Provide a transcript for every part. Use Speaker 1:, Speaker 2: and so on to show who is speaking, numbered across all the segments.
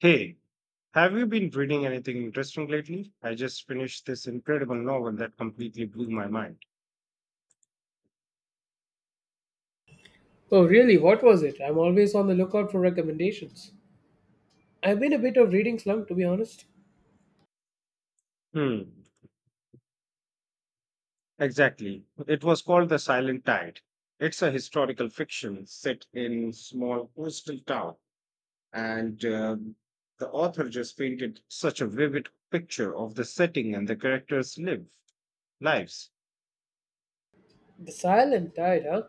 Speaker 1: Hey, have you been reading anything interesting lately? I just finished this incredible novel that completely blew my mind.
Speaker 2: Oh, really? What was it? I'm always on the lookout for recommendations. I've been a bit of reading slump, to be honest.
Speaker 1: Hmm, exactly. It was called The Silent Tide. It's a historical fiction set in small coastal town, and the author just painted such a vivid picture of the setting and the characters' lives.
Speaker 2: The Silent Tide, huh?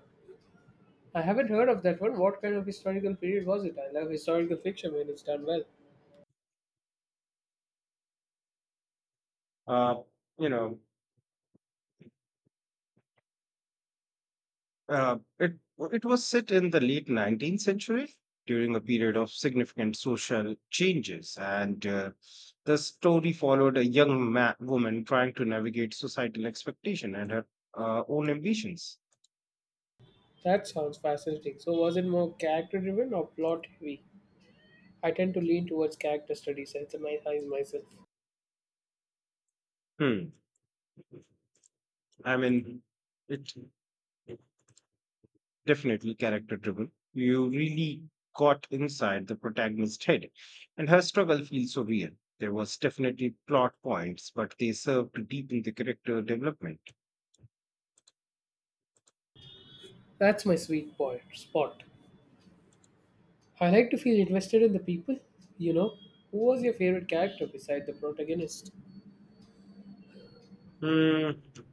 Speaker 2: I haven't heard of that one. What kind of historical period was it? I love historical fiction when it's done well.
Speaker 1: Uh, you know, it was set in the late 19th century during a period of significant social changes, and the story followed a woman trying to navigate societal expectation and her own ambitions.
Speaker 2: That sounds fascinating. So, was it more character driven or plot heavy? I tend to lean towards character studies as my eyes myself.
Speaker 1: Hmm. I mean, it definitely character driven. You really got inside the protagonist's head, and her struggle feels so real. There was definitely plot points, but they served to deepen the character development.
Speaker 2: That's my sweet point, spot. I like to feel invested in the people. You know, who was your favorite character beside the protagonist?
Speaker 1: Hmm.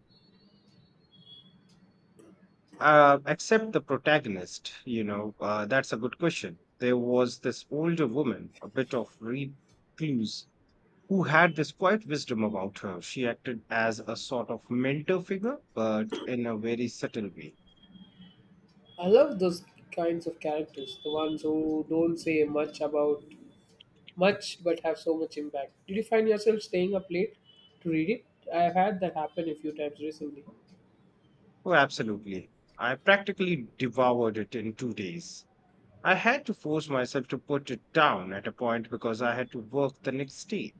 Speaker 1: Except the protagonist, that's a good question. There was this older woman, a bit of recluse, who had this quiet wisdom about her. She acted as a sort of mentor figure, but in a very subtle way.
Speaker 2: I love those kinds of characters, the ones who don't say much about much but have so much impact. Did you find yourself staying up late to read it? I've had that happen a few times recently.
Speaker 1: Oh, absolutely. I practically devoured it in 2 days. I had to force myself to put it down at a point because I had to work the next day.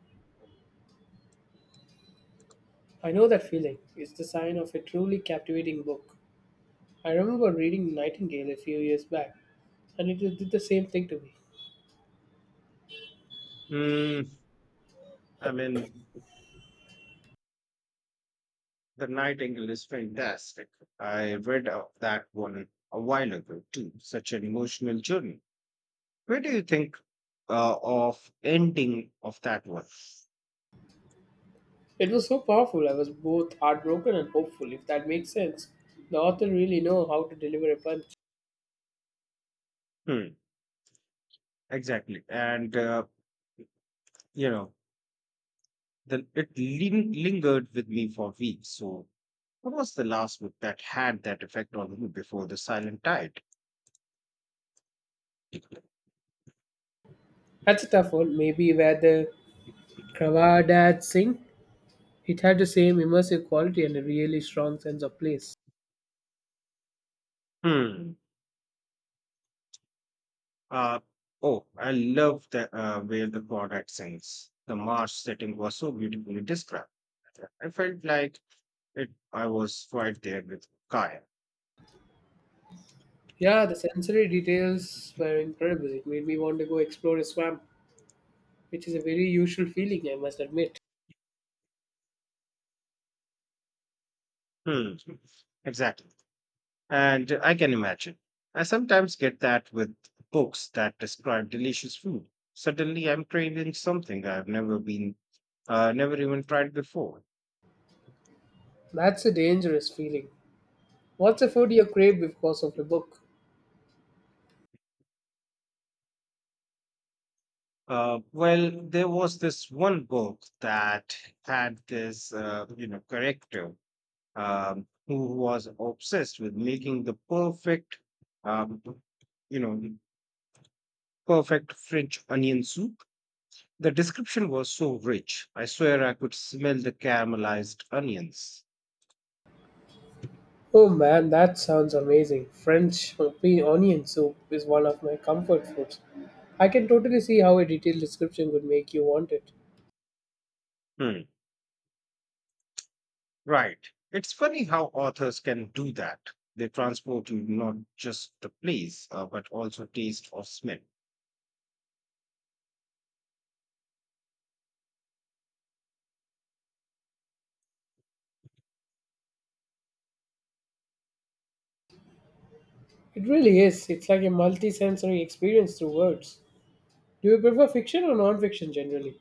Speaker 2: I know that feeling. It's the sign of a truly captivating book. I remember reading Nightingale a few years back, and it did the same thing to me.
Speaker 1: Hmm, I mean, The Nightingale is fantastic. I read of that one a while ago too. Such an emotional journey. Where do you think of ending of that one?
Speaker 2: It was so powerful, I was both heartbroken and hopeful, if that makes sense. The author really know how to deliver a punch.
Speaker 1: Hmm, exactly. And you know, lingered with me for weeks. So, what was the last book that had that effect on you before the Silent Tide?
Speaker 2: That's a tough one, maybe where the Cravada Singh. It had the same immersive quality and a really strong sense of place.
Speaker 1: Hmm. Uh, oh, I love the where the product ends. The marsh setting was so beautifully described. I felt like it. I was right there with Kaya.
Speaker 2: Yeah, the sensory details were incredible. It made me want to go explore a swamp, which is a very usual feeling, I must admit.
Speaker 1: Hmm. Exactly, and I can imagine. I sometimes get that with books that describe delicious food. Suddenly, I'm craving something I've never been, never even tried before.
Speaker 2: That's a dangerous feeling. What's a food you crave because of a book?
Speaker 1: Well, there was this one book that had this character who was obsessed with making the um, you know, perfect French onion soup. The description was so rich. I swear I could smell the caramelized onions.
Speaker 2: Oh man, that sounds amazing. French onion soup is one of my comfort foods. I can totally see how a detailed description would make you want it.
Speaker 1: Hmm. Right. It's funny how authors can do that. They transport you not just the place, but also taste or smell.
Speaker 2: It really is. It's like a multi sensory experience through words. Do you prefer fiction or non fiction generally?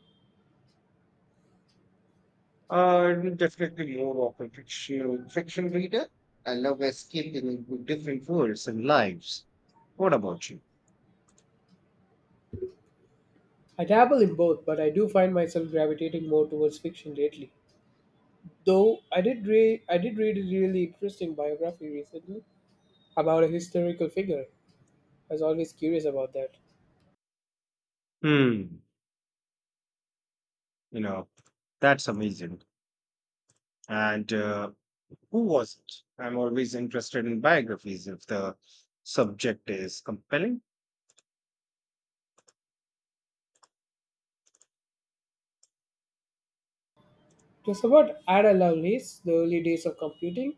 Speaker 1: I'm definitely more of a fiction reader. I love escaping into different worlds and lives. What about you?
Speaker 2: I dabble in both, but I do find myself gravitating more towards fiction lately. Though I did read a really interesting biography recently about a historical figure. I was always curious about that.
Speaker 1: Hmm, you know, that's amazing. And who was it? I'm always interested in biographies if the subject is compelling.
Speaker 2: It was about Ada Lovelace, the early days of computing,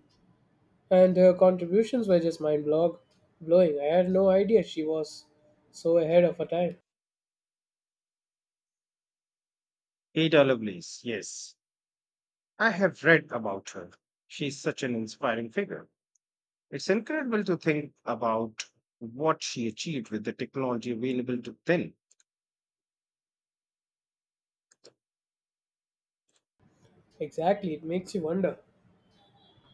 Speaker 2: and her contributions were just mind blog blowing. I had no idea she was so ahead of her time.
Speaker 1: Ada Lovelace, yes. I have read about her. She's such an inspiring figure. It's incredible to think about what she achieved with the technology available to then.
Speaker 2: Exactly, it makes you wonder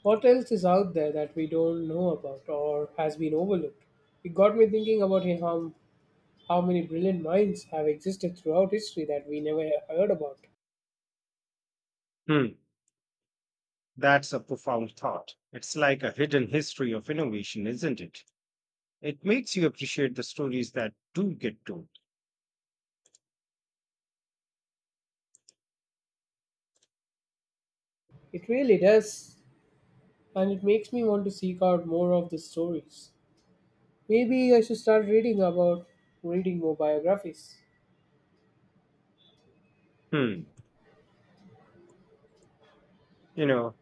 Speaker 2: what else is out there that we don't know about or has been overlooked. It got me thinking about How many brilliant minds have existed throughout history that we never heard about?
Speaker 1: Hmm, that's a profound thought. It's like a hidden history of innovation, isn't it? It makes you appreciate the stories that do get told.
Speaker 2: It really does, and it makes me want to seek out more of the stories. Maybe I should start reading more biographies.
Speaker 1: Hmm, you know,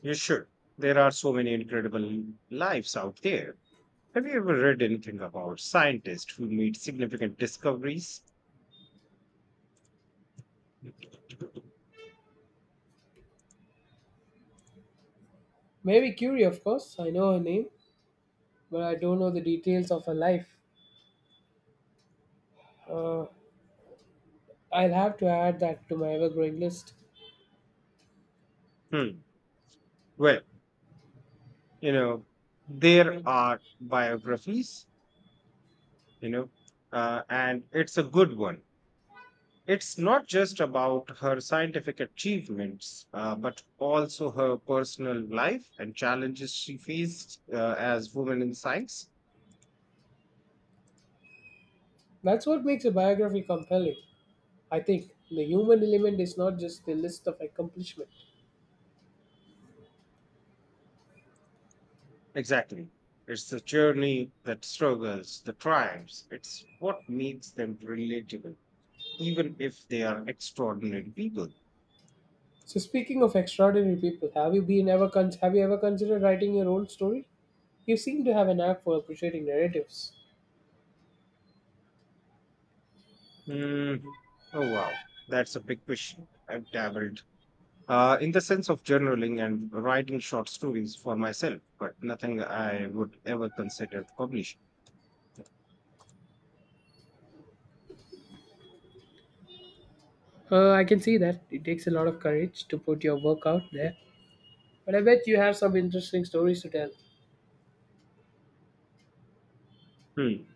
Speaker 1: you should. There are so many incredible lives out there. Have you ever read anything about scientists who made significant discoveries?
Speaker 2: Mary Curie, of course, I know her name, but I don't know the details of her life. Uh, I'll have to add that to my ever growing list.
Speaker 1: Hmm. Well, you know, there are biographies, you know, and it's a good one. It's not just about her scientific achievements, but also her personal life and challenges she faced as women in science.
Speaker 2: That's what makes a biography compelling. I think the human element is not just the list of accomplishment.
Speaker 1: Exactly. It's the journey that struggles, the triumphs. It's what makes them relatable, even if they are extraordinary people.
Speaker 2: So speaking of extraordinary people, have you ever considered writing your own story? You seem to have an knack for appreciating narratives.
Speaker 1: Mm, Oh, wow. That's a big question. I've dabbled in the sense of journaling and writing short stories for myself, but nothing I would ever consider publishing.
Speaker 2: I can see that it takes a lot of courage to put your work out there, but I bet you have some interesting stories to tell.
Speaker 1: Hmm.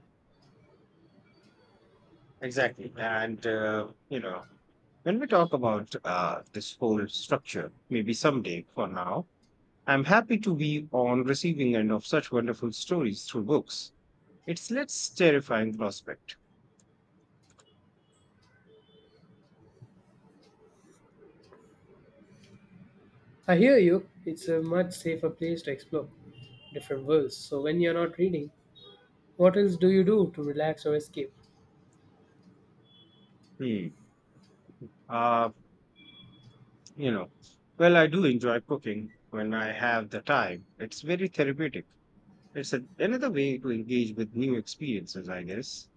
Speaker 1: Exactly. And, when we talk about this whole structure, maybe someday for now, I'm happy to be on receiving end of such wonderful stories through books. It's less terrifying prospect.
Speaker 2: I hear you. It's a much safer place to explore different worlds. So when you're not reading, what else do you do to relax or escape?
Speaker 1: Hmm. Uh, you know, well, I do enjoy cooking when I have the time. It's very therapeutic. It's another way to engage with new experiences, I guess.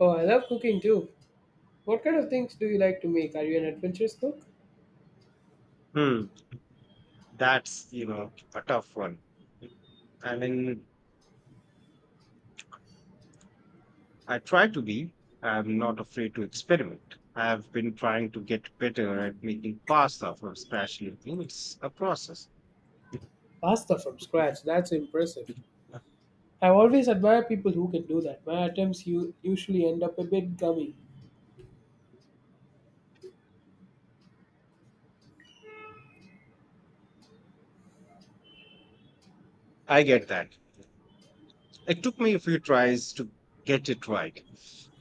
Speaker 2: Oh, I love cooking too. What kind of things do you like to make? Are you an adventurous cook?
Speaker 1: Hmm. That's, you know, a tough one. I mean, I try to be. I'm not afraid to experiment. I've been trying to get better at making pasta from scratch lately. It's a process.
Speaker 2: Pasta from scratch. That's impressive. I always admire people who can do that. My attempts usually end up a bit gummy.
Speaker 1: I get that. It took me a few tries to get it right.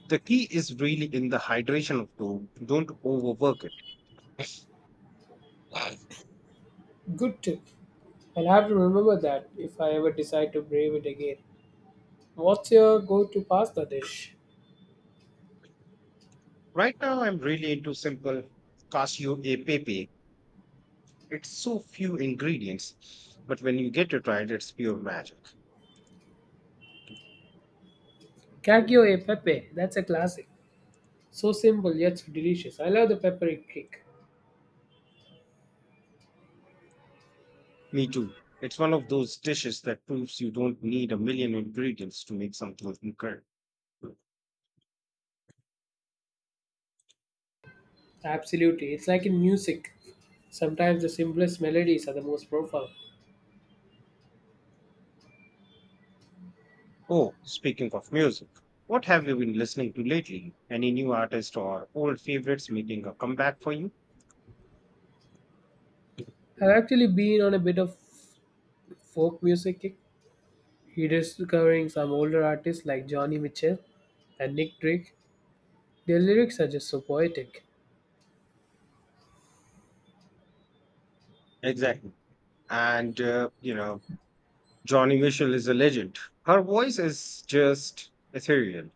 Speaker 1: The key is really in the hydration of dough. Don't overwork it.
Speaker 2: Good tip. I'll have to remember that if I ever decide to brave it again. What's your go to pasta dish?
Speaker 1: Right now, I'm really into simple cashew e pepe. It's so few ingredients, but when you get it right, it's pure magic.
Speaker 2: Cacio e pepe. That's a classic. So simple yet so delicious. I love the peppery kick.
Speaker 1: Me too. It's one of those dishes that proves you don't need a million ingredients to make something incredible.
Speaker 2: Absolutely. It's like in music. Sometimes the simplest melodies are the most profound.
Speaker 1: Oh, speaking of music, what have you been listening to lately? Any new artist or old favorites making a comeback for you?
Speaker 2: I've actually been on a bit of folk music kick. Rediscovering some older artists like Johnny Mitchell and Nick Drake. Their lyrics are just so poetic.
Speaker 1: Exactly. And, Johnny Mitchell is a legend. Her voice is just ethereal.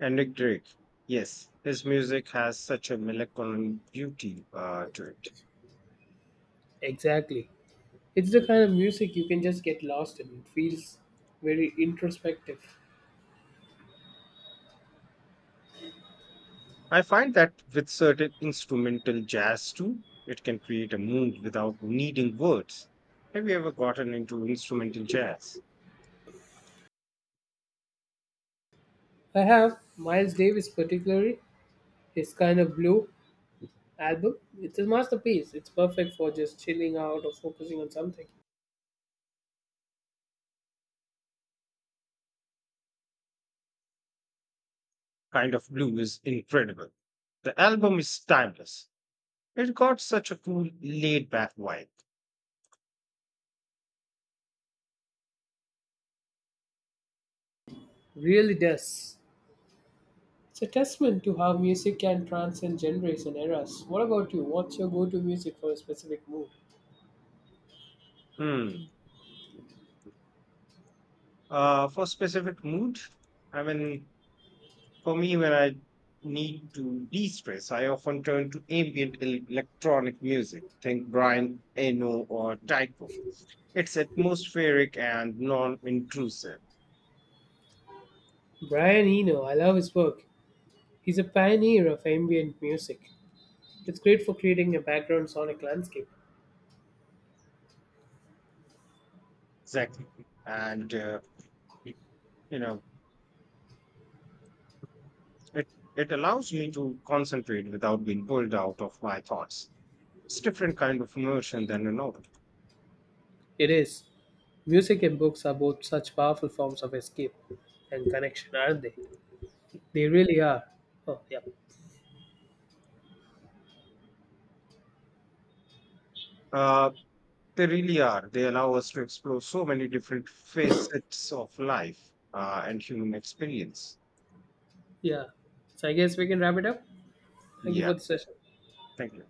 Speaker 1: And Nick Drake, yes, his music has such a melancholy beauty to it.
Speaker 2: Exactly. It's the kind of music you can just get lost in. It feels very introspective.
Speaker 1: I find that with certain instrumental jazz too, it can create a mood without needing words. Have you ever gotten into instrumental jazz?
Speaker 2: I have Miles Davis, particularly, his kind of blue album. It's a masterpiece. It's perfect for just chilling out or focusing on something.
Speaker 1: Kind of Blue is incredible. The album is timeless. It got such a cool laid back vibe.
Speaker 2: Really does. It's a testament to how music can transcend genres and eras. What about you? What's your go to music for a specific mood?
Speaker 1: Hmm. For specific mood, I mean, for me, when I need to de-stress, I often turn to electronic music. Think Brian Eno or Tycho. It's atmospheric and non-intrusive.
Speaker 2: Brian Eno, I love his work. He's a pioneer of ambient music. It's great for creating a background sonic landscape.
Speaker 1: Exactly. And you know, it it allows me to concentrate without being pulled out of my thoughts. It's different kind of immersion than a novel.
Speaker 2: It is. Music and books are both such powerful forms of escape and connection, aren't they? They really are. Oh, yeah.
Speaker 1: Uh, They really are. They allow us to explore so many different facets of life and human experience.
Speaker 2: Yeah. So I guess we can wrap it up. Thank you
Speaker 1: Yeah,
Speaker 2: for the session.
Speaker 1: thank you.